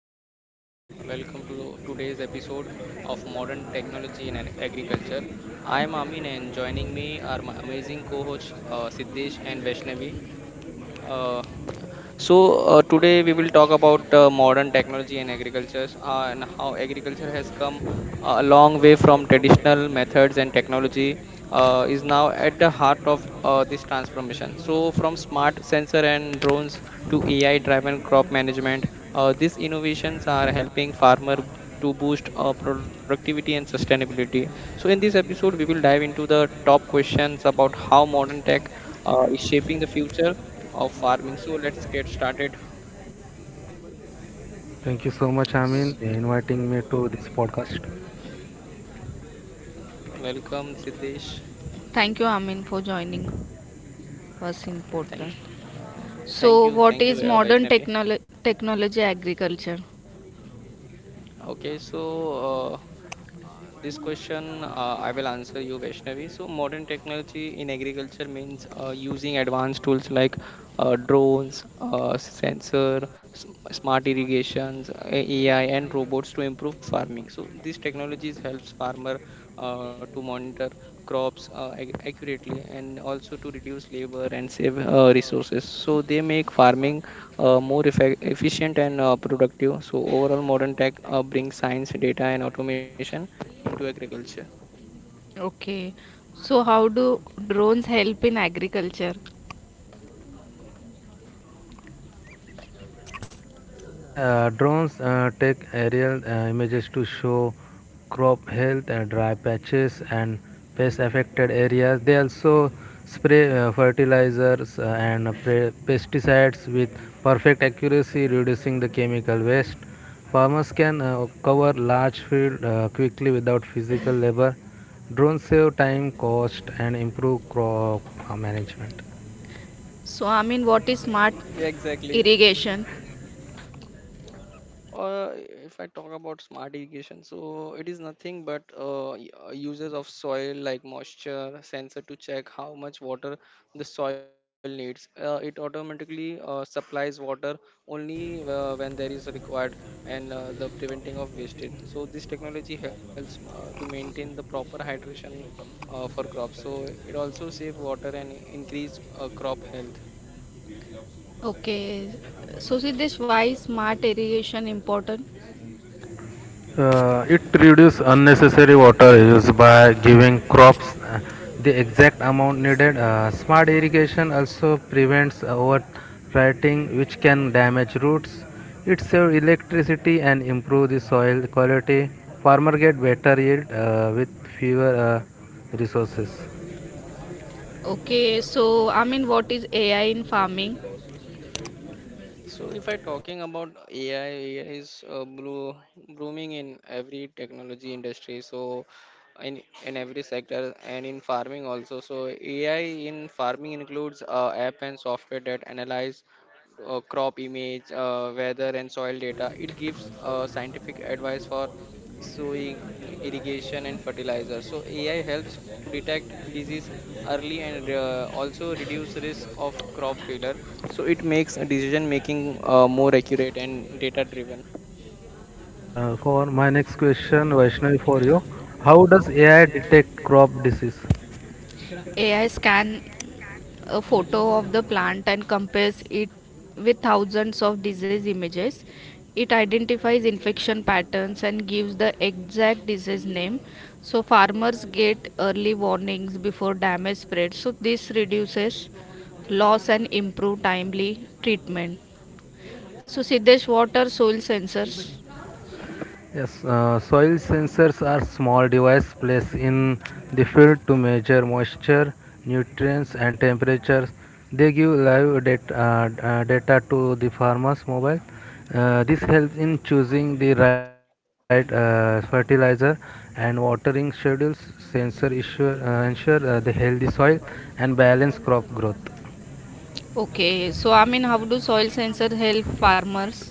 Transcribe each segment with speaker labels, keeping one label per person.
Speaker 1: afternoon. Welcome to today's episode of Modern Technology in Agriculture. I am Amin, and joining me are my amazing co hosts Siddesh and Vaishnavi. Uh, Today we will talk about modern technology and agriculture and how agriculture has come a long way from traditional methods, and technology is now at the heart of this transformation. So, from smart sensor and drones to AI driven crop management, these innovations are helping farmer to boost productivity and sustainability. So, in this episode, we will dive into the top questions about how modern tech is shaping the future of farming. So let's get started.
Speaker 2: Thank you so much, Amin, inviting me to this podcast.
Speaker 1: Welcome, Siddesh.
Speaker 3: Thank you, Amin, for joining us in
Speaker 1: Thank you,
Speaker 3: podcast. So,
Speaker 1: thank you,
Speaker 3: what
Speaker 1: thank you,
Speaker 3: is
Speaker 1: uh,
Speaker 3: modern
Speaker 1: Vaishnavi.
Speaker 3: technology agriculture?
Speaker 1: Okay, uh, this question I will answer you, Vaishnavi. So, modern technology in agriculture means using advanced tools like drones, sensor, smart irrigations, AI, and robots to improve farming. So, these technologies helps farmer to monitor crops accurately, and also to reduce labor and save resources. So, they make farming efficient and productive. So, overall, modern tech brings science, data, and automation into agriculture.
Speaker 3: Okay. So, how do drones help in agriculture?
Speaker 2: Yeah, Drones take aerial images to show crop health, dry patches, and pest affected areas. They also spray fertilizers and pesticides with perfect accuracy, reducing the chemical waste. Farmers can cover large field quickly without physical labor. Drones save time, cost, and improve crop management.
Speaker 3: So, Amin, what
Speaker 1: Yeah,
Speaker 3: is smart
Speaker 1: exactly.
Speaker 3: irrigation?
Speaker 1: If I talk about smart irrigation, so it is nothing but uses of soil like moisture sensor to check how much water the soil needs. It automatically supplies water only when there is required and the preventing of wastage. So this technology helps to maintain the proper hydration for crops. So it also save water and increase crop health.
Speaker 3: Okay. So, Siddesh, why is smart irrigation important?
Speaker 2: It reduces unnecessary water use by giving crops the exact amount needed. Smart irrigation also prevents overwriting, which can damage roots. It saves electricity and improves the soil quality. Farmer get better yield with fewer resources.
Speaker 3: Okay. So, Amin, what is AI in farming?
Speaker 1: So if I talking about AI, is blooming in every technology industry. So in every sector and in farming also. So AI in farming includes app and software that analyze crop image, weather and soil data. It gives scientific advice for sowing, irrigation, and fertilizer. So AI helps to detect disease early, and also reduce risk of crop failure. So it makes decision making more accurate and data driven.
Speaker 2: Yeah, for my next question, Vaishnavi, for you, how does AI detect crop disease?
Speaker 3: AI scan a photo of the plant and compares it with thousands of disease images. It identifies infection patterns and gives the exact disease name. So, farmers get early warnings before damage spreads. So, this reduces loss and improve timely treatment. So, Siddesh, what are soil sensors?
Speaker 2: Yes, Soil sensors are small device placed in the field to measure moisture, nutrients, and temperatures. They give live data, data to the farmer's mobile. This helps in choosing the right fertilizer and watering schedules. Sensor issue, ensure the healthy soil and balance crop growth.
Speaker 3: Okay, so I mean, how do soil sensors help farmers?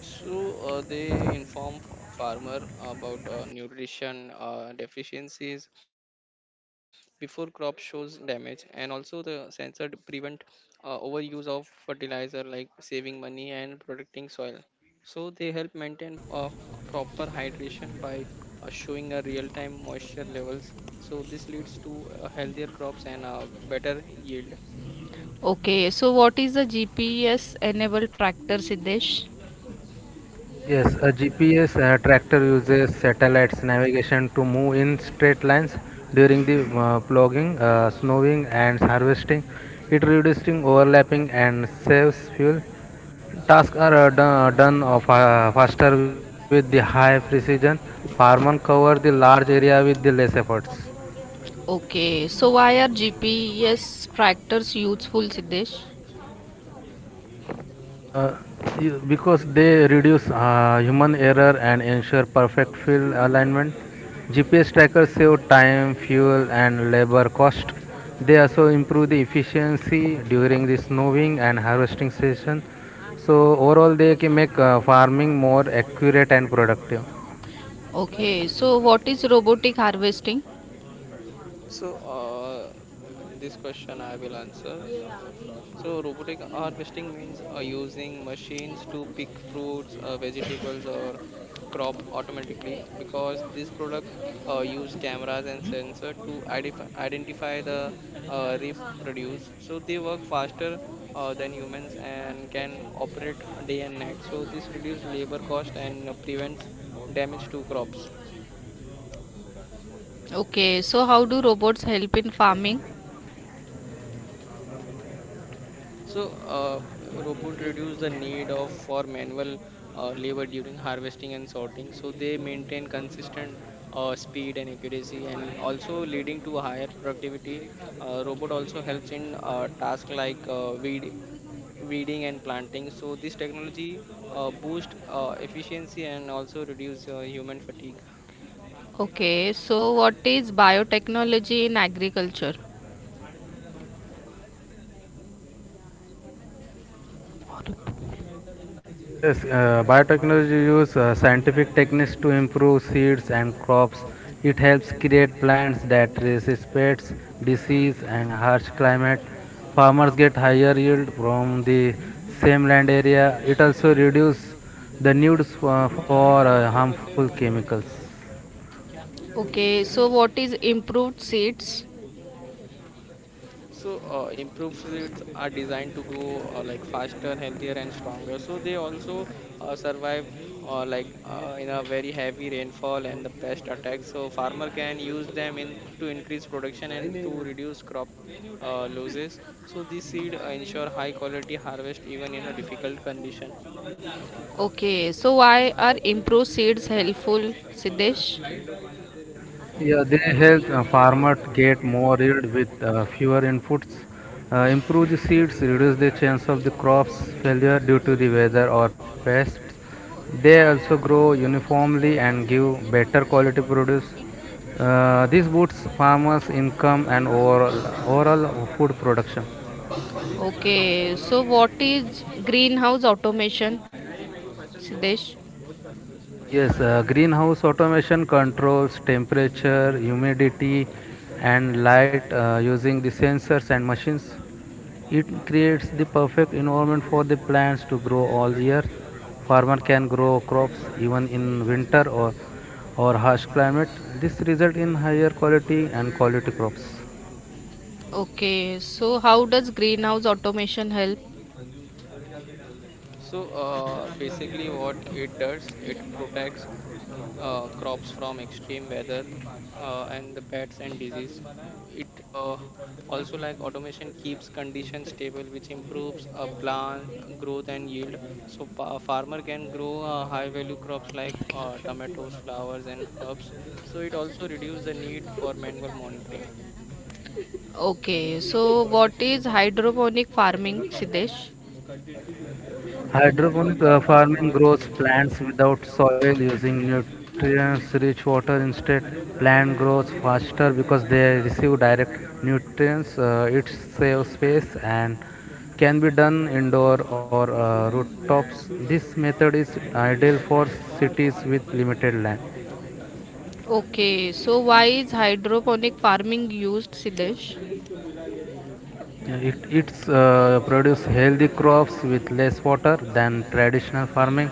Speaker 1: They inform farmer about nutrition deficiencies before crop shows damage, and also the sensor prevent overuse of fertilizer, like saving money and protecting soil. So they help maintain proper hydration by showing a real-time moisture levels. So this leads to healthier crops and better yield.
Speaker 3: Okay, so what is the GPS enabled tractor, Siddesh?
Speaker 2: Yes, a GPS tractor uses satellites navigation to move in straight lines during the ploughing, snowing, and harvesting. It reducing overlapping and saves fuel. Tasks are done of, faster with the high precision. Farmer cover the large area with the less efforts.
Speaker 3: Okay, so why are GPS tractors useful, Siddesh?
Speaker 2: Uh, because they reduce human error and ensure perfect field alignment. GPS trackers save time, fuel, and labor cost. They also improve the efficiency during the snowing and harvesting season. So overall, they can make farming more accurate and productive.
Speaker 3: Okay, so what is robotic harvesting?
Speaker 1: So, uh, this question I will answer. So robotic harvesting means using machines to pick fruits, vegetables, or crop automatically, because this product use cameras and sensor to identify the reproduce. So they work faster than humans and can operate day and night. So this reduces labor cost and prevents damage to crops.
Speaker 3: Okay, so how do robots help in farming?
Speaker 1: Robot reduce the need of for manual labor during harvesting and sorting. So they maintain consistent speed and accuracy, and also leading to higher productivity. Robot also helps in tasks like weeding and planting. So this technology boost efficiency and also reduce human fatigue.
Speaker 3: Okay, so what is biotechnology in agriculture?
Speaker 2: Yes, Biotechnology use scientific techniques to improve seeds and crops. It helps create plants that resist pests, disease, and harsh climate. Farmers get higher yield from the same land area. It also reduces the needs for harmful chemicals.
Speaker 3: Okay, so what is improved seeds?
Speaker 1: Improved
Speaker 2: Yeah,
Speaker 1: seeds are designed to grow like faster, healthier, and stronger. So they also survive in a very heavy rainfall and the pest attacks. So farmer can use them in to increase production and to reduce crop losses. So these seed ensure high quality harvest even in a difficult condition.
Speaker 3: Okay, so why are improved seeds helpful, Siddesh?
Speaker 2: Yeah, they help farmer to get more yield with fewer inputs, improve the seeds, reduce the chance of the crops failure due to the weather or pests. They also grow uniformly and give better quality produce. This boosts farmers' income and overall food production.
Speaker 3: Okay, so what is greenhouse automation, Siddesh?
Speaker 2: Yes, Greenhouse automation controls temperature, humidity, and light using the sensors and machines. It creates the perfect environment for the plants to grow all year. Farmer can grow crops even in winter or harsh climate. This result in higher quality and quality crops.
Speaker 3: Okay, so how does greenhouse automation help?
Speaker 1: Basically, what it does, it protects crops from extreme weather and the pests and disease. It Also like automation keeps conditions stable, which improves plant growth and yield. So farmer can grow high value crops like tomatoes, flowers, and herbs. So it also reduces the need for manual monitoring.
Speaker 3: Okay, so what is hydroponic farming, Siddesh?
Speaker 2: Hydroponic farming grows plants without soil using nutrients rich water instead. Plant grows faster because they receive direct nutrients. It saves space and can be done indoor or rooftops. This method is ideal for cities with limited land.
Speaker 3: Okay, so why is hydroponic farming used, Siddesh?
Speaker 2: Yeah, It it's produce healthy crops with less water than traditional farming.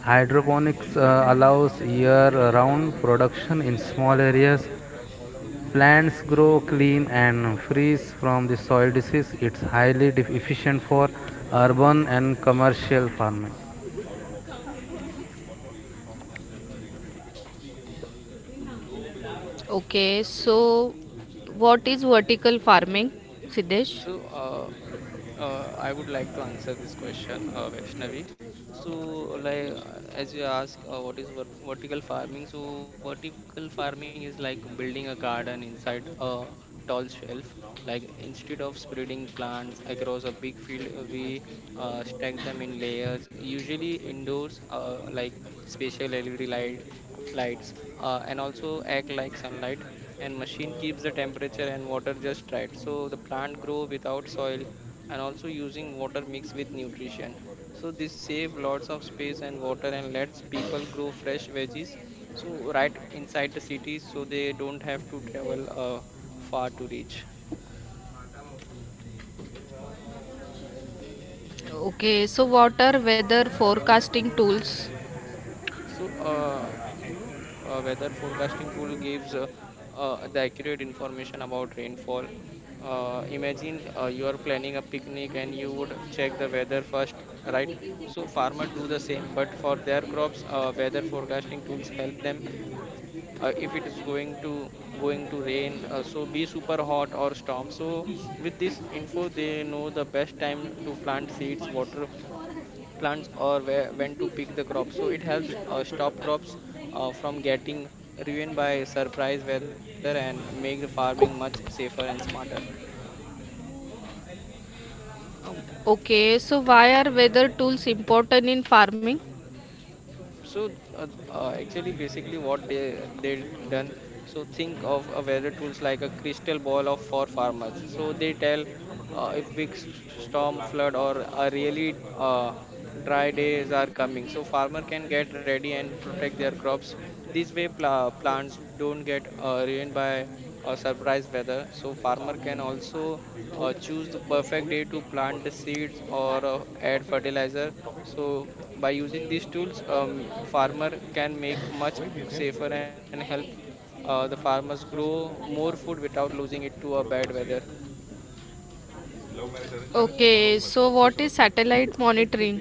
Speaker 2: Hydroponics allows year-round production in small areas. Plants grow clean and freeze from the soil disease. It's highly efficient for urban and commercial farming.
Speaker 3: Okay, so what is vertical farming, Siddesh?
Speaker 1: So uh, I would like to answer this question, Vaishnavi. So, like as you ask, what is vert vertical farming? So, vertical farming is like building a garden inside a tall shelf. Like instead of spreading plants across a big field, we stack them in layers. Usually indoors, like special LED light lights, and also act like sunlight. And machine keeps the temperature and water just right, so the plant grow without soil, and also using water mixed with nutrition. So this save lots of space and water, and lets people grow fresh veggies. So right inside the cities, so they don't have to travel far to reach.
Speaker 3: Okay, so what are weather forecasting tools?
Speaker 1: So, uh, Weather forecasting tool gives the accurate information about rainfall. Imagine you are planning a picnic and you would check the weather first, right? So farmers do the same, but for their crops. Weather forecasting tools help them if it is going to rain, so be super hot or storm. So with this info, they know the best time to plant seeds, water when to pick the crops. So it helps stop crops from getting ruined by surprise weather, and make the farming much safer and smarter.
Speaker 3: Okay, so why are weather tools important in farming?
Speaker 1: so uh, Actually, basically what they done, so think of a weather tools like a crystal ball of for farmers. So they tell if big storm, flood, or a really dry days are coming, so farmer can get ready and protect their crops. This way, plants don't get ruined by surprise weather. So farmer can also choose the perfect day to plant the seeds or add fertilizer. So by using these tools, farmer can make much safer and help the farmers grow more food without losing it to a bad weather.
Speaker 3: Okay, so what is satellite monitoring?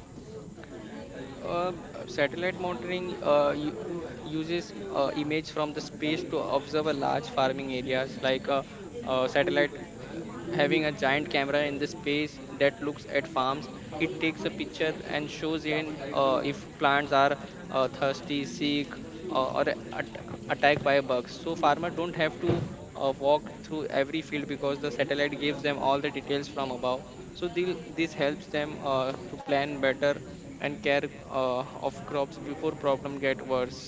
Speaker 1: Satellite monitoring uses image from the space to observe a large farming areas. Like a, satellite having a giant camera in the space that looks at farms. It takes a picture and shows in if plants are thirsty, sick, uh, or a- at- attacked by bugs. So farmers don't have to walk through every field, because the satellite gives them all the details from above. So they this helps them to plan better and care of crops before problem get worse.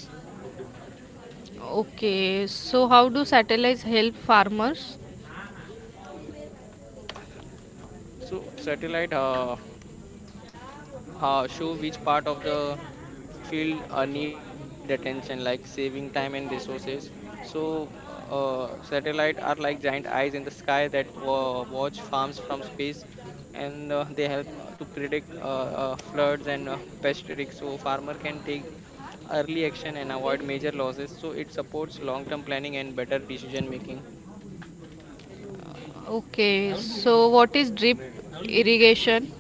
Speaker 3: Okay, so how do satellites help farmers?
Speaker 1: So satellite show which part of the field need attention, like saving time and resources. so Satellite are like giant eyes in the sky that watch farms from space. And they help to predict floods and pest risks, so farmer can take early action and avoid major losses. So it supports long term planning and better decision making.
Speaker 3: Okay, so what is drip irrigation?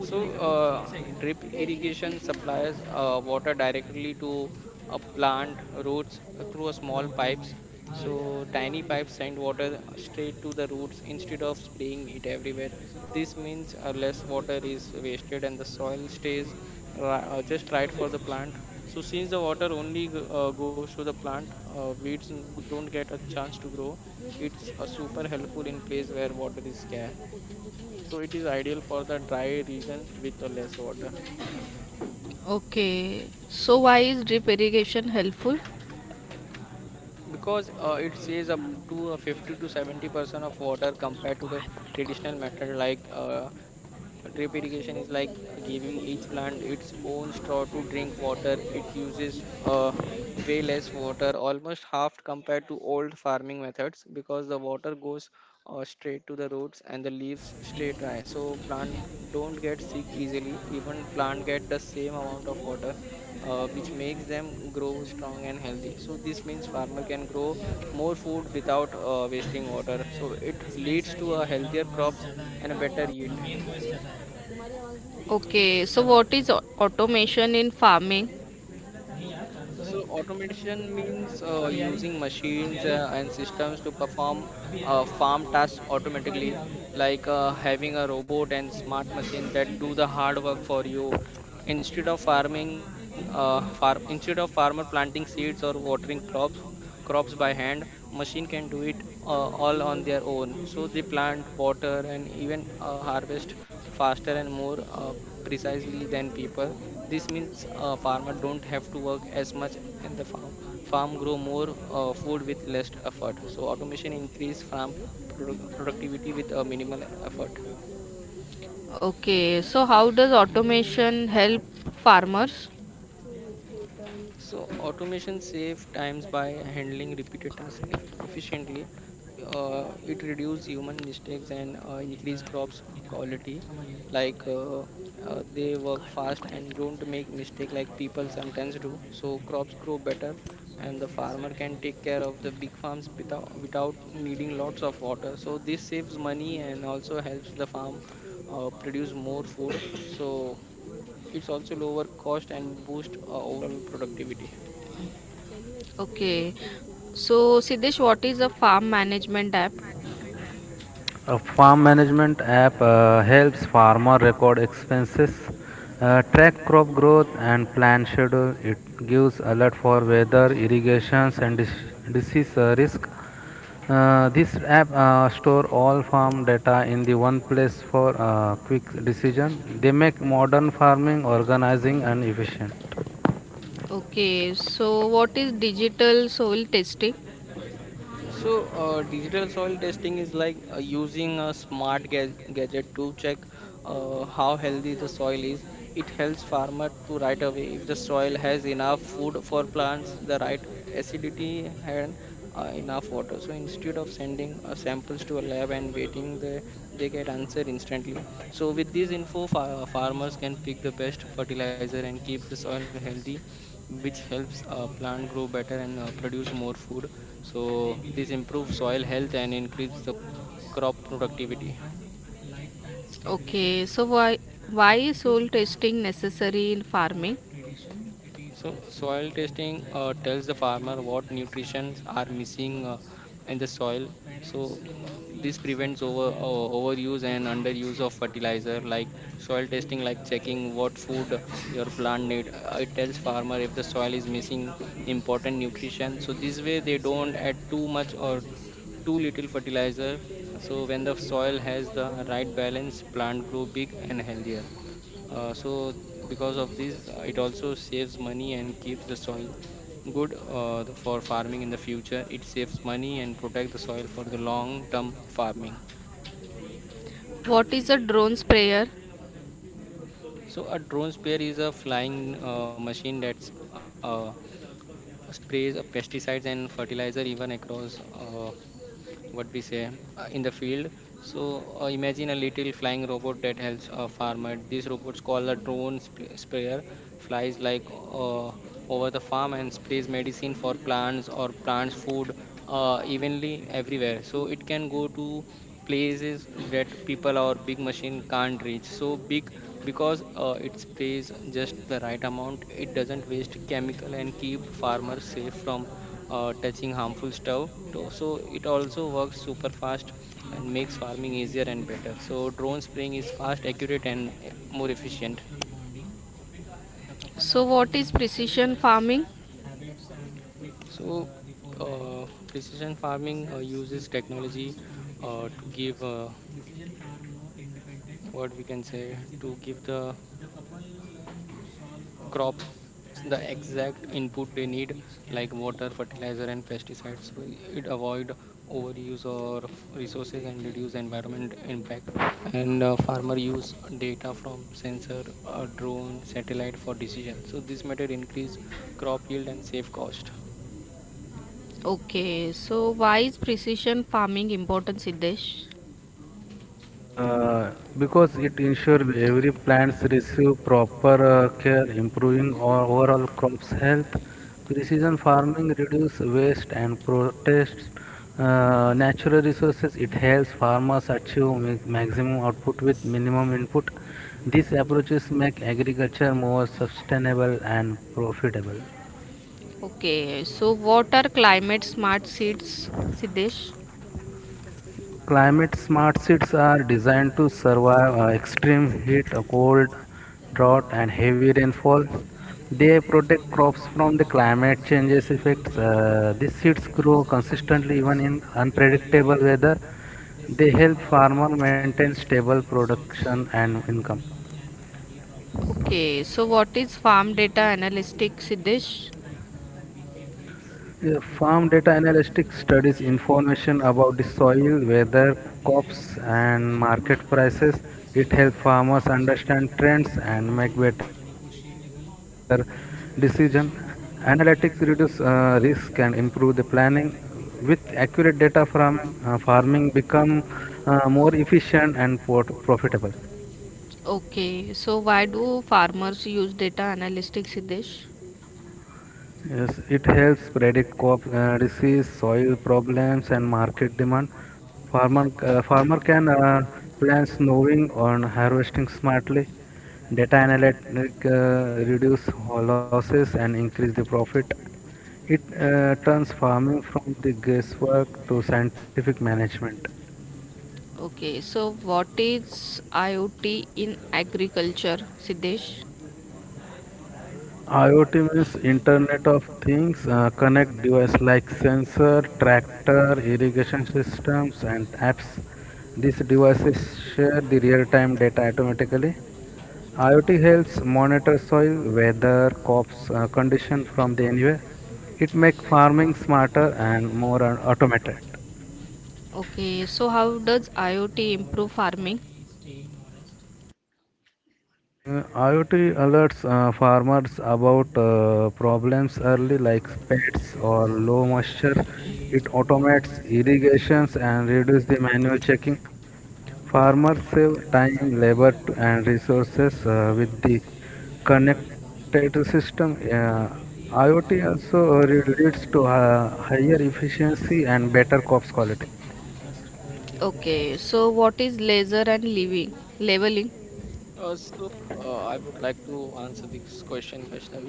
Speaker 1: So, uh, Drip irrigation supplies water directly to a plant roots through a small pipes. So, tiny pipes send water straight to the roots instead of spraying it everywhere. This means less water is wasted, and the soil stays just right for the plant. So, since the water only goes to the plant, weeds don't get a chance to grow. It's super helpful in place where water is scarce, so it is ideal for the dry region with less water.
Speaker 3: Okay, so why is drip irrigation helpful?
Speaker 1: Because it saves up to 50 to 70% of water compared to the traditional method. Drip irrigation is like giving each plant its own straw to drink water. It uses way less water, almost half compared to old farming methods, because the water goes straight to the roots, and the leaves stay dry. So plant don't get sick easily. Even plant get the same amount of water, which makes them grow strong and healthy. So this means farmer can grow more food without wasting water. So it leads to a healthier crops and a better yield.
Speaker 3: Okay, so what is automation in farming?
Speaker 1: So automation means using machines and systems to perform farm tasks automatically, like having a robot and smart machine that do the hard work for you. Instead of farmer planting seeds or watering crops by hand, machine can do it all on their own. So they plant, water, and even harvest faster and more precisely than people. This means farmer don't have to work as much, and the farm grow more food with less effort. So automation increase farm productivity with a minimal effort.
Speaker 3: Okay, so how does automation help farmers?
Speaker 1: So automation save times by handling repeated tasks efficiently. It reduce human mistakes and increase crops quality. Like uh, they work fast and don't make mistake like people sometimes do. So crops grow better, and the farmer can take care of the big farms without needing lots of water. So this saves money, and also helps the farm produce more food. So it's also lower cost and boost overall productivity.
Speaker 3: Okay, so Siddesh, what is a farm management app?
Speaker 2: A farm management app helps farmer record expenses, track crop growth, and plan schedule. It gives alert for weather, irrigations, and disease risk. This app store all farm data in the one place for quick decision. They make modern farming organizing and efficient.
Speaker 3: Okay, so what is digital soil testing?
Speaker 1: So, digital soil testing is like using a smart gadget to check how healthy the soil is. It helps farmer to right away if the soil has enough food for plants, the right acidity, and enough water. So instead of sending samples to a lab and waiting, they get answer instantly. So with this info, farmers can pick the best fertilizer and keep the soil healthy, which helps plant grow better and produce more food. So this improves soil health and increases the crop productivity.
Speaker 3: Okay, so why is soil testing necessary in farming?
Speaker 1: So soil testing tells the farmer what nutrients are missing in the soil. So, this prevents overuse and underuse of fertilizer. Like soil testing, like checking what food your plant need. It tells farmer if the soil is missing important nutrition. So this way they don't add too much or too little fertilizer. So when the soil has the right balance, plant grow big and healthier. So because of this, it also saves money and keeps the soil good for farming in the future. It saves money and protect the soil for the long term farming.
Speaker 3: What is a drone sprayer?
Speaker 1: So a drone sprayer is a flying machine that sprays pesticides and fertilizer even across what we say in the field. So imagine a little flying robot that helps a farmer. These robots called a drone sprayer, flies like over the farm and sprays medicine for plants or plants food evenly everywhere. So it can go to places that people or big machine can't reach, so big. Because it sprays just the right amount, it doesn't waste chemical and keep farmers safe from touching harmful stuff. So it also works super fast and makes farming easier and better. So drone spraying is fast, accurate, and more efficient.
Speaker 3: So what is precision farming?
Speaker 1: So precision farming uses technology to give what we can say, to give the crops the exact input they need, like water fertilizer and pesticides. So it avoid overuse or resources and reduce environment impact. And farmer use data from sensor, drone satellite for decision. So this method increase crop yield and save cost.
Speaker 3: Okay, so why is precision farming important, Siddesh?
Speaker 2: Uh, because it ensures every plants receive proper care, improving our overall crops health. Precision farming reduces waste and protects natural resources. It helps farmers achieve maximum output with minimum input. These approaches make agriculture more sustainable and profitable.
Speaker 3: Okay, so what are climate smart seeds, Siddesh?
Speaker 2: Climate smart seeds are designed to survive extreme heat, cold, drought, and heavy rainfall. They protect crops from the climate changes effects. These seeds grow consistently even in unpredictable weather. They help farmer maintain stable production and income.
Speaker 3: Okay, so what is farm data analytics, Siddesh?
Speaker 2: Yeah, Farm data analytics studies information about the soil, weather, crops, and market prices. It helps farmers understand trends and make better decision. Analytics reduce risk and improve the planning. With accurate data farming become more efficient and profitable.
Speaker 3: Okay, so why do farmers use data analytics, Siddesh?
Speaker 2: Yes, it helps predict crop disease, soil problems, and market demand. Farmer can plan snowing on harvesting smartly. Data analytics reduce losses and increase the profit. It turns farming from the guesswork to scientific management.
Speaker 3: Okay, so what is IoT in agriculture, Siddesh?
Speaker 2: IoT means Internet of Things, connect device like sensor, tractor, irrigation systems, and apps. These devices share the real-time data automatically. IoT helps monitor soil, weather, crops condition from the anywhere. It makes farming smarter and more automated.
Speaker 3: Okay, so how does IoT improve farming?
Speaker 2: Uh, IoT alerts farmers about problems early, like pests or low moisture. It automates irrigations and reduces the manual checking. Farmers save time, labor, and resources with the connected system. IoT also leads to higher efficiency and better crops quality.
Speaker 3: Okay, so what is laser and leveling?
Speaker 1: Uh, so I would like to answer this question, Vaishnavi.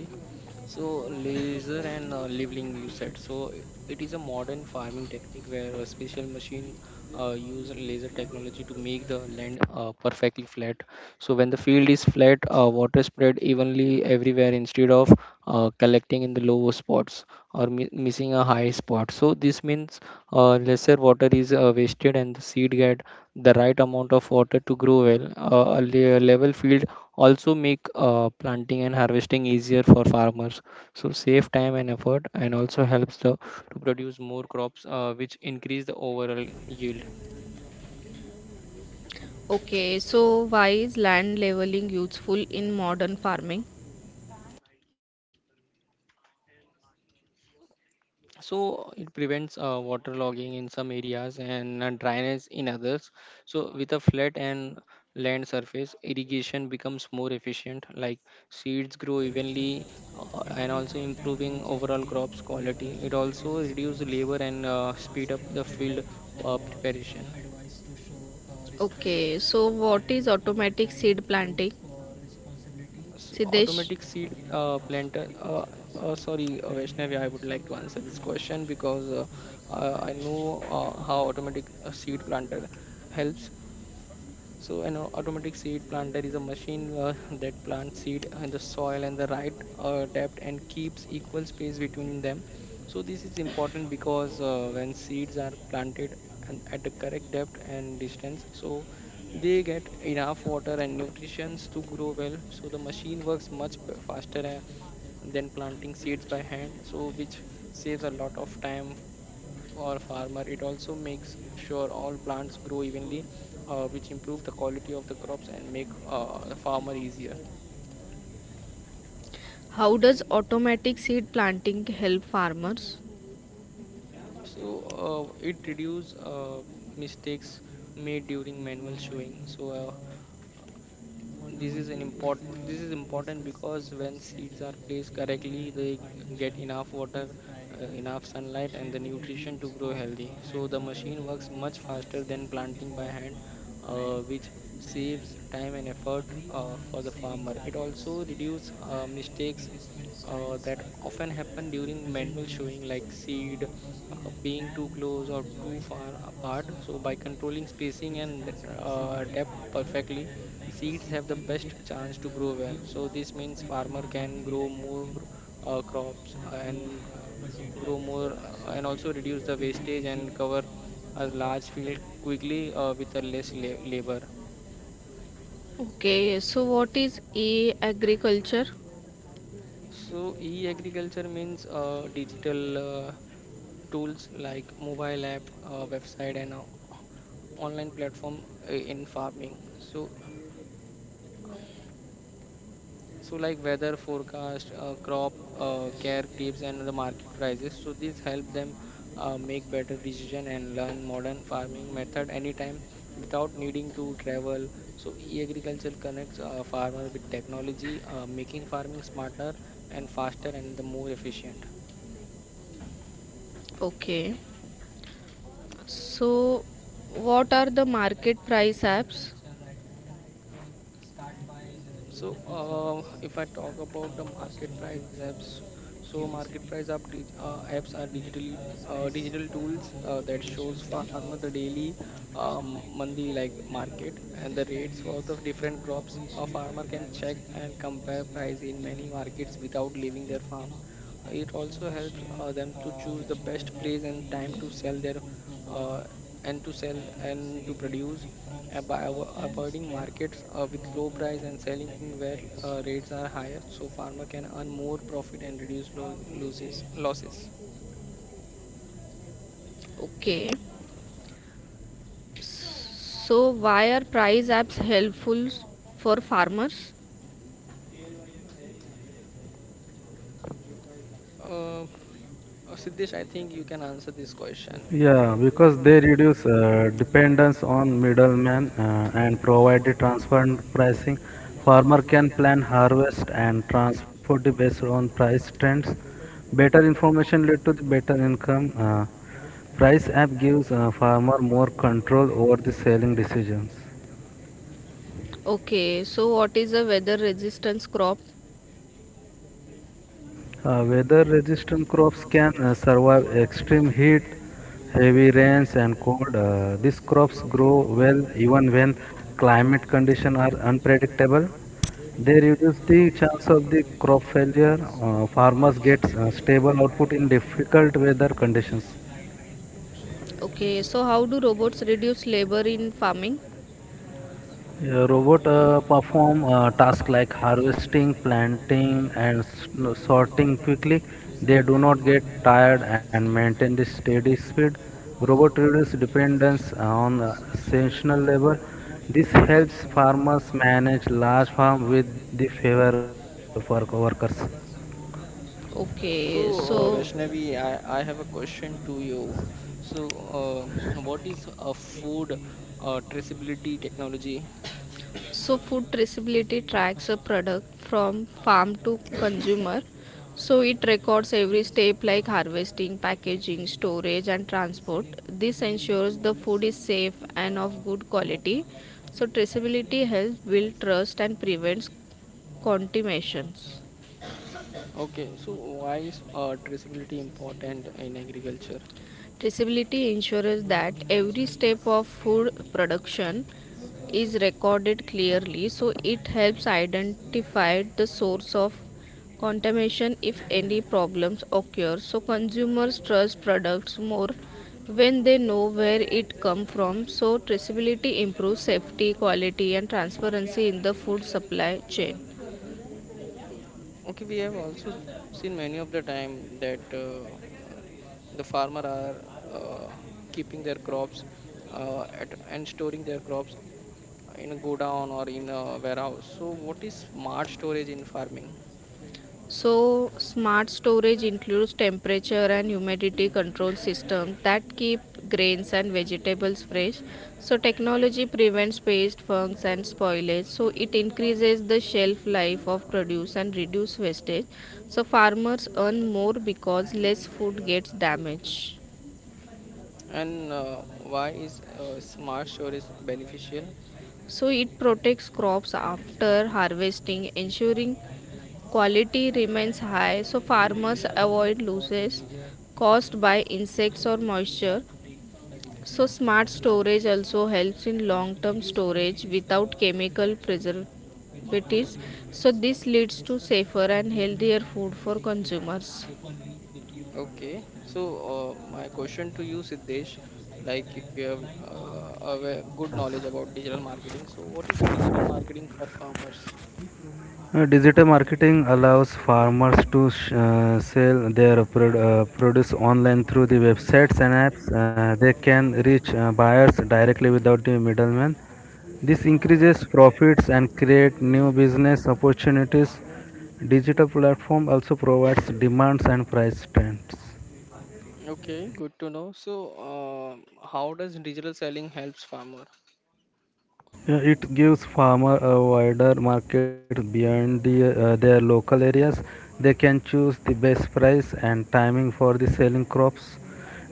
Speaker 1: So laser and leveling you said. So, it is a modern farming technique where a special machine use laser technology to make the land perfectly flat. So when the field is flat, water spread evenly everywhere instead of collecting in the lower spots or missing a high spot. So this means lesser water is wasted and the seed get the right amount of water to grow well. A level field also make planting and harvesting easier for farmers. So save time and effort, and also helps the to produce more crops, which increase the overall yield.
Speaker 3: Okay, so why is land leveling useful in modern farming?
Speaker 1: So it prevents water logging in some areas and dryness in others. So with a flat and land surface, irrigation becomes more efficient. Like seeds grow evenly, and also improving overall crops quality. It also reduces labor and speed up the field preparation.
Speaker 3: Okay, so what is automatic seed planting?
Speaker 1: So
Speaker 3: Siddesh,
Speaker 1: automatic seed planter. Sorry, Vaishnavi, I would like to answer this question because I know how automatic seed planter helps. So an automatic seed planter is a machine that plants seed in the soil and the right depth and keeps equal space between them. So this is important because when seeds are planted and at the correct depth and distance, so they get enough water and nutrients to grow well. So the machine works much faster than planting seeds by hand. So which saves a lot of time for farmer. It also makes sure all plants grow evenly, which improve the quality of the crops and make the farmer easier.
Speaker 3: how does automatic seed planting help farmers?
Speaker 1: So it reduce mistakes made during manual sowing. So this is important because when seeds are placed correctly they get enough water, enough sunlight and the nutrition to grow healthy. So the machine works much faster than planting by hand, which saves time and effort for the farmer. It also reduces mistakes that often happen during manual showing, like seed being too close or too far apart. So by controlling spacing and depth perfectly, seeds have the best chance to grow well. So this means farmer can grow more crops, and grow more and also reduce the wastage and cover a large field quickly with a less labor.
Speaker 3: Okay, so what is e agriculture?
Speaker 1: So e-agriculture means digital tools like mobile app, website and online platform in farming. So like weather forecast, crop care tips and the market prices. So these help them make better decision and learn modern farming method anytime without needing to travel. So e-agriculture connects farmer with technology, making farming smarter and faster and the more efficient.
Speaker 3: Okay, so what are the market price apps?
Speaker 1: So, if I talk about the market price apps, so market price apps are digitally digital tools that shows farmer the daily, monthly like market and the rates for the different crops. A farmer can check and compare price in many markets without leaving their farm. It also helps them to choose the best place and time to sell their uh, and to sell and to produce by avoiding markets with low price and selling where rates are higher. So farmer can earn more profit and reduce loses losses.
Speaker 3: Okay, so why are price apps helpful for farmers?
Speaker 1: uh, Siddesh, I think you can answer this question.
Speaker 2: Yeah, because they reduce dependence on middlemen and provide the transparent pricing. Farmer can plan harvest and transport the based on price trends. Better information lead to the better income. Price app gives farmer more control over the selling decisions.
Speaker 3: Okay, so what is a weather resistance crop?
Speaker 2: Weather-resistant crops can survive extreme heat, heavy rains, and cold. These crops grow well even when climate conditions are unpredictable. They reduce the chance of the crop failure. Farmers get stable output in difficult weather conditions.
Speaker 3: Okay, so how do robots reduce labor in farming?
Speaker 2: A robot perform tasks like harvesting, planting, and s- no, sorting quickly. They do not get tired and maintain the steady speed. Robot reduce dependence on seasonal labor. This helps farmers manage large farm with the favor for workers.
Speaker 1: So,
Speaker 3: Okay, so
Speaker 1: Vaishnavi, I have a question to you. So, what is a food traceability technology?
Speaker 3: So food traceability tracks a product from farm to consumer. So it records every step like harvesting, packaging, storage and transport. This ensures the food is safe and of good quality. So traceability helps build trust and prevents contaminations.
Speaker 1: Okay, so why is traceability important in agriculture?
Speaker 3: Traceability ensures that every step of food production is recorded clearly, so it helps identify the source of contamination if any problems occur. So consumers trust products more when they know where it comes from. So traceability improves safety, quality and transparency in the food supply chain.
Speaker 1: Okay, we have also seen many of the time that uh, the farmer are uh, keeping their crops at, and storing their crops in a godown or in a warehouse. So, what is smart storage in farming,
Speaker 3: So smart storage includes temperature and humidity control system that keep grains and vegetables fresh. So technology prevents pest, fungus and spoilage. So it increases the shelf life of produce and reduce wastage. So farmers earn more because less food gets damaged.
Speaker 1: and why is smart storage beneficial?
Speaker 3: So it protects crops after harvesting, ensuring quality remains high. So farmers avoid losses caused by insects or moisture. So smart storage also helps in long term storage without chemical preservatives. So this leads to safer and healthier food for consumers.
Speaker 1: Okay, so my question to you, Siddesh, like you have a good knowledge about
Speaker 2: Yes.
Speaker 1: digital marketing. So, what is digital marketing for farmers?
Speaker 2: Digital marketing allows farmers to sell their produce online through the websites and apps. They can reach buyers directly without the middleman. This increases profits and create new business opportunities. Digital platform also provides demands and price trends.
Speaker 1: Okay, good to know. So, how does digital selling helps farmer?
Speaker 2: Yeah, it gives farmer a wider market beyond their local areas. They can choose the best price and timing for the selling crops.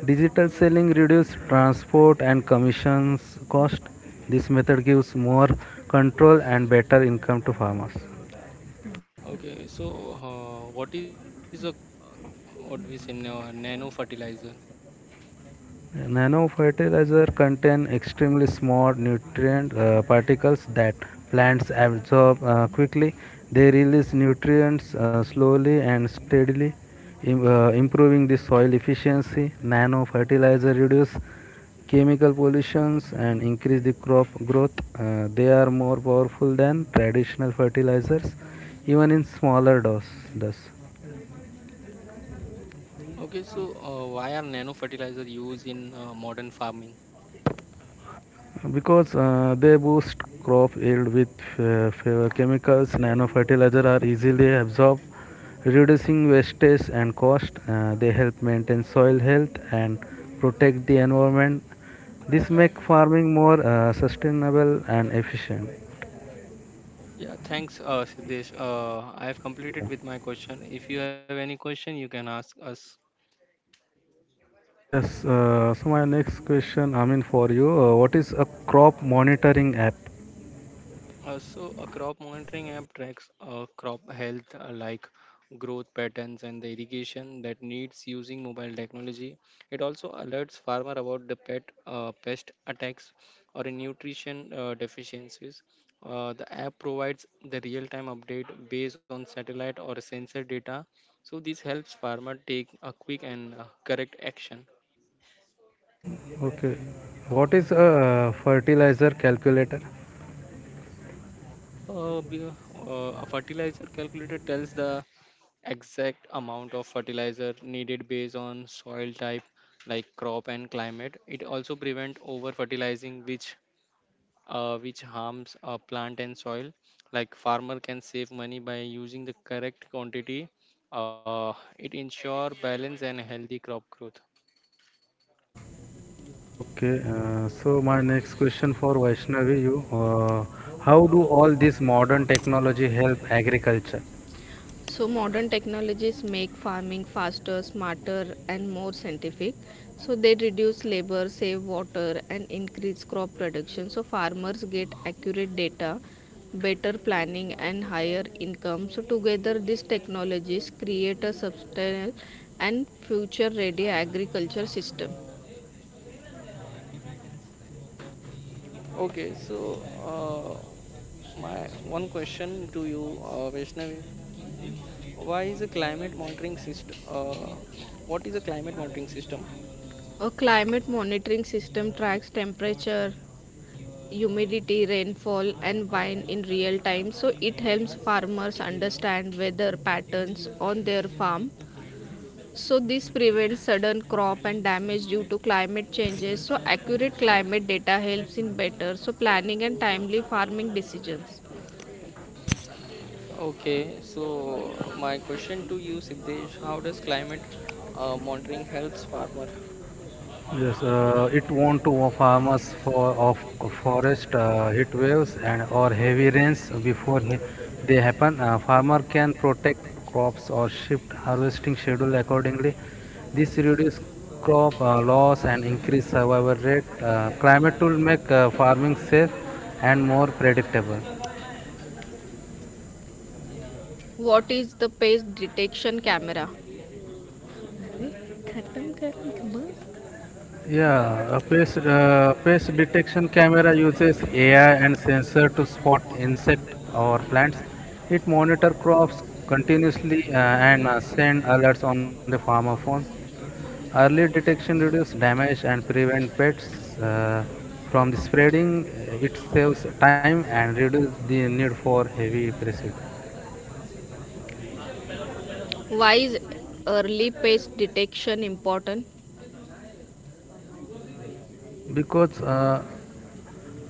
Speaker 2: Digital selling reduces transport and commissions cost. This method gives more control and better income to farmers.
Speaker 1: Okay, so what is a what we say nano fertilizer?
Speaker 2: Nano fertilizer contain extremely small nutrient particles that plants absorb quickly. They release nutrients slowly and steadily, improving the soil efficiency. Nano fertilizer reduce chemical pollutions and increase the crop growth. They are more powerful than traditional fertilizers, even in smaller dose. Thus.
Speaker 1: Okay, so why are nano fertilizer used in modern farming?
Speaker 2: Because they boost crop yield with fewer chemicals nano fertilizer are easily absorbed reducing wastage and cost. They help maintain soil health and protect the environment. This make farming more sustainable and efficient.
Speaker 1: Yeah, thanks, Siddesh. I have completed with my question. If you have any question, you can ask us.
Speaker 2: Yes uh, so my next question, for you, what is a crop monitoring app?
Speaker 1: Also, a crop monitoring app tracks crop health like growth patterns and the irrigation that needs using mobile technology. It also alerts farmer about the pet pest attacks or in nutrition deficiencies. The app provides the real-time update based on satellite or sensor data, so this helps farmer take a quick and correct action.
Speaker 2: Okay, what is a fertilizer calculator?
Speaker 1: Uh, be- a fertilizer calculator tells the exact amount of fertilizer needed based on soil type, like crop and climate. It also prevent over fertilizing, which which harms a plant and soil. Like farmer can save money by using the correct quantity. uh, it ensure balance and healthy crop growth.
Speaker 2: Okay, so my next question for Vaishnavi, you, how do all this modern technology help agriculture?
Speaker 3: So modern technologies make farming faster, smarter, and more scientific. So they reduce labor, save water, and increase crop production. So farmers get accurate data, better planning, and higher income. So together, these technologies create a sustainable and future-ready agriculture system.
Speaker 1: Okay, so my one question to you, Vaishnavi, why is a climate monitoring system? What is a climate monitoring system?
Speaker 3: A climate monitoring system tracks temperature, humidity, rainfall, and wind in real time. So it helps farmers understand weather patterns on their farm. So this prevents sudden crop and damage due to climate changes. So accurate climate data helps in better so planning and timely farming decisions.
Speaker 1: Okay, so my question to you, Siddesh, how does climate monitoring helps farmer?
Speaker 2: Yes, it won't to farmers for of forest heat waves and or heavy rains before they happen. Farmer can protect crops or shift harvesting schedule accordingly. This reduce crop loss and increase survival rate. Climate will make farming safe and more predictable.
Speaker 3: What is the pest detection camera? अरे
Speaker 2: A face detection camera uses AI and sensor to spot insect or plants. It monitor crops continuously and send alerts on the farmer phone. Early detection reduces damage and prevent pests from the spreading. It saves time and reduce the need for heavy pesticide.
Speaker 3: Why is early pest detection important?
Speaker 2: because uh,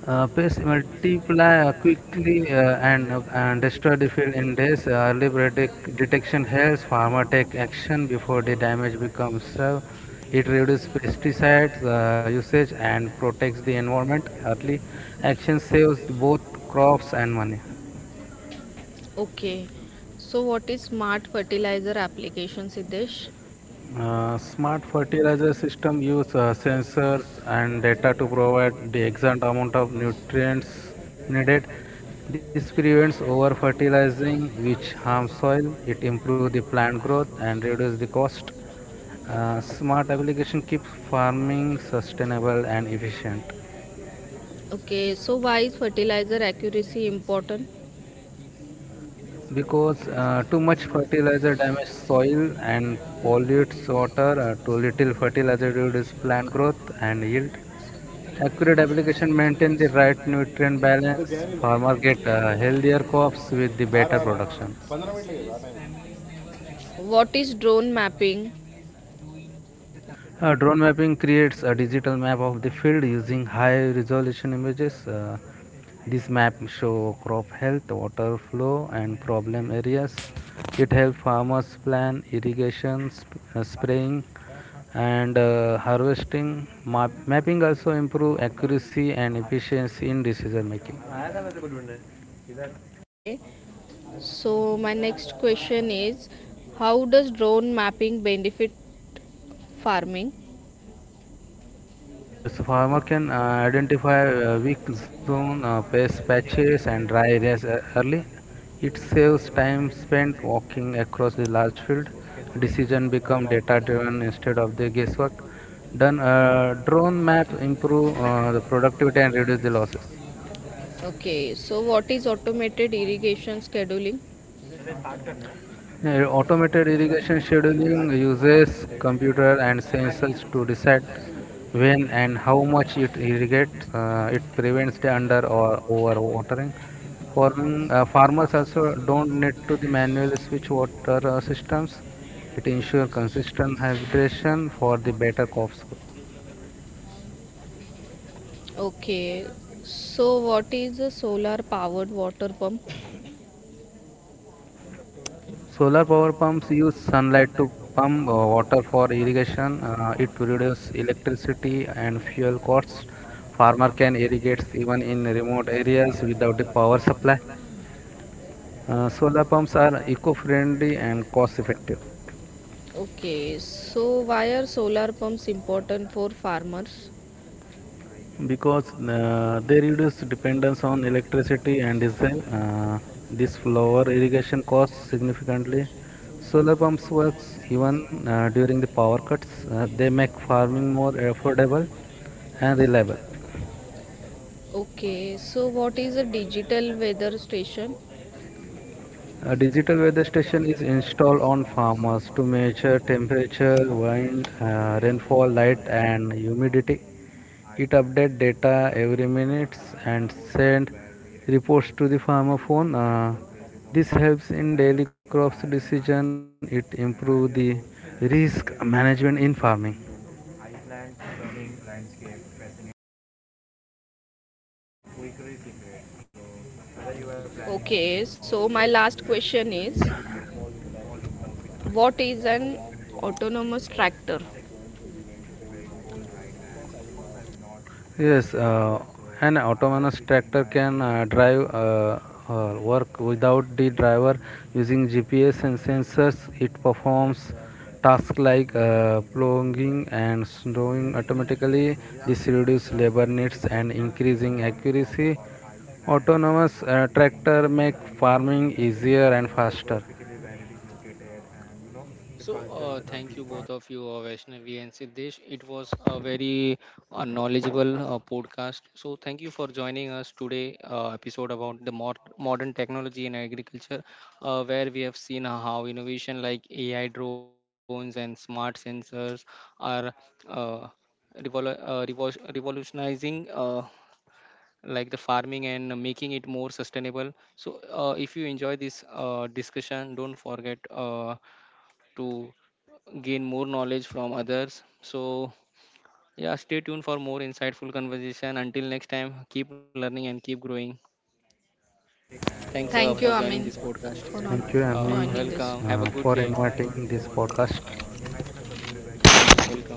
Speaker 2: Uh, pests multiply quickly and and destroy the field in days. Early detection helps farmer take action before the damage becomes severe. It reduces pesticides usage and protects the environment. Early action saves both crops and money.
Speaker 3: Okay, so what is smart fertilizer application, Siddesh?
Speaker 2: Smart fertilizer system use sensors and data to provide the exact amount of nutrients needed. This prevents over fertilizing, which harms soil. It improves the plant growth and reduces the cost. Smart application keeps farming sustainable and efficient.
Speaker 3: Okay, so why is fertilizer accuracy important?
Speaker 2: Because too much fertilizer damages soil and pollutes water. Too little fertilizer reduces plant growth and yield. Accurate application maintain the right nutrient balance. Farmer get healthier crops with the better production.
Speaker 3: What is drone mapping?
Speaker 2: Drone mapping creates a digital map of the field using high resolution images. This map show crop health, water flow, and problem areas. It helps farmers plan irrigation, spraying, and harvesting. Mapping also improve accuracy and efficiency in decision making.
Speaker 3: Okay, so my next question is, how does drone mapping benefit farming?
Speaker 2: Yes, farmer can identify weak zone, pest patches, and dry areas early. It saves time spent walking across the large field. Decision become data driven instead of the guesswork. Done Drone map improve the productivity and reduce the losses.
Speaker 3: Okay, so what is automated irrigation scheduling?
Speaker 2: Automated irrigation scheduling uses computer and sensors to decide when and how much it irrigates. It prevents the under or over watering. Farmers also don't need to the manually switch water systems. It ensures consistent hydration for the better crops.
Speaker 3: Okay, so what is a solar powered water pump?
Speaker 2: Solar power pumps use sunlight to pump water for irrigation. It reduces electricity and fuel costs. Farmer can irrigate even in remote areas without a power supply. Solar pumps are eco-friendly and cost-effective.
Speaker 3: Okay, so why are solar pumps important for farmers?
Speaker 2: Because they reduce dependence on electricity and diesel. This lower irrigation costs significantly. Solar pumps works even during the power cuts. They make farming more affordable and reliable.
Speaker 3: Okay, so what is a digital weather station?
Speaker 2: A digital weather station is installed on farmers to measure temperature, wind, rainfall, light, and humidity. It updates data every minutes and send reports to the farmer phone. This helps in daily crops decision. It improve the risk management in farming.
Speaker 3: Okay, so my last question is, what is an autonomous tractor?
Speaker 2: Yes, so an autonomous tractor can drive work without the driver using GPS and sensors. It performs tasks like plowing and sowing automatically. This reduces labor needs and increasing accuracy. Autonomous tractor make farming easier and faster.
Speaker 1: So, thank you both of you, Vaishnavi and Siddesh. It was a very knowledgeable podcast. So, thank you for joining us today episode about the modern technology in agriculture, where we have seen how innovation like AI drones and smart sensors are uh, revolutionizing like the farming and making it more sustainable. So, if you enjoy this discussion, don't forget to gain more knowledge from others. So, yeah, stay tuned for more insightful conversation. Until next time, keep learning and keep growing. Thanks for
Speaker 3: Thank
Speaker 1: joining
Speaker 3: you,
Speaker 1: this
Speaker 3: Amin,
Speaker 1: podcast.
Speaker 3: for not
Speaker 2: Thank you, Ami,
Speaker 3: joining
Speaker 1: Welcome.
Speaker 3: this.
Speaker 1: Have a good day.
Speaker 2: for inviting this podcast.
Speaker 1: Welcome.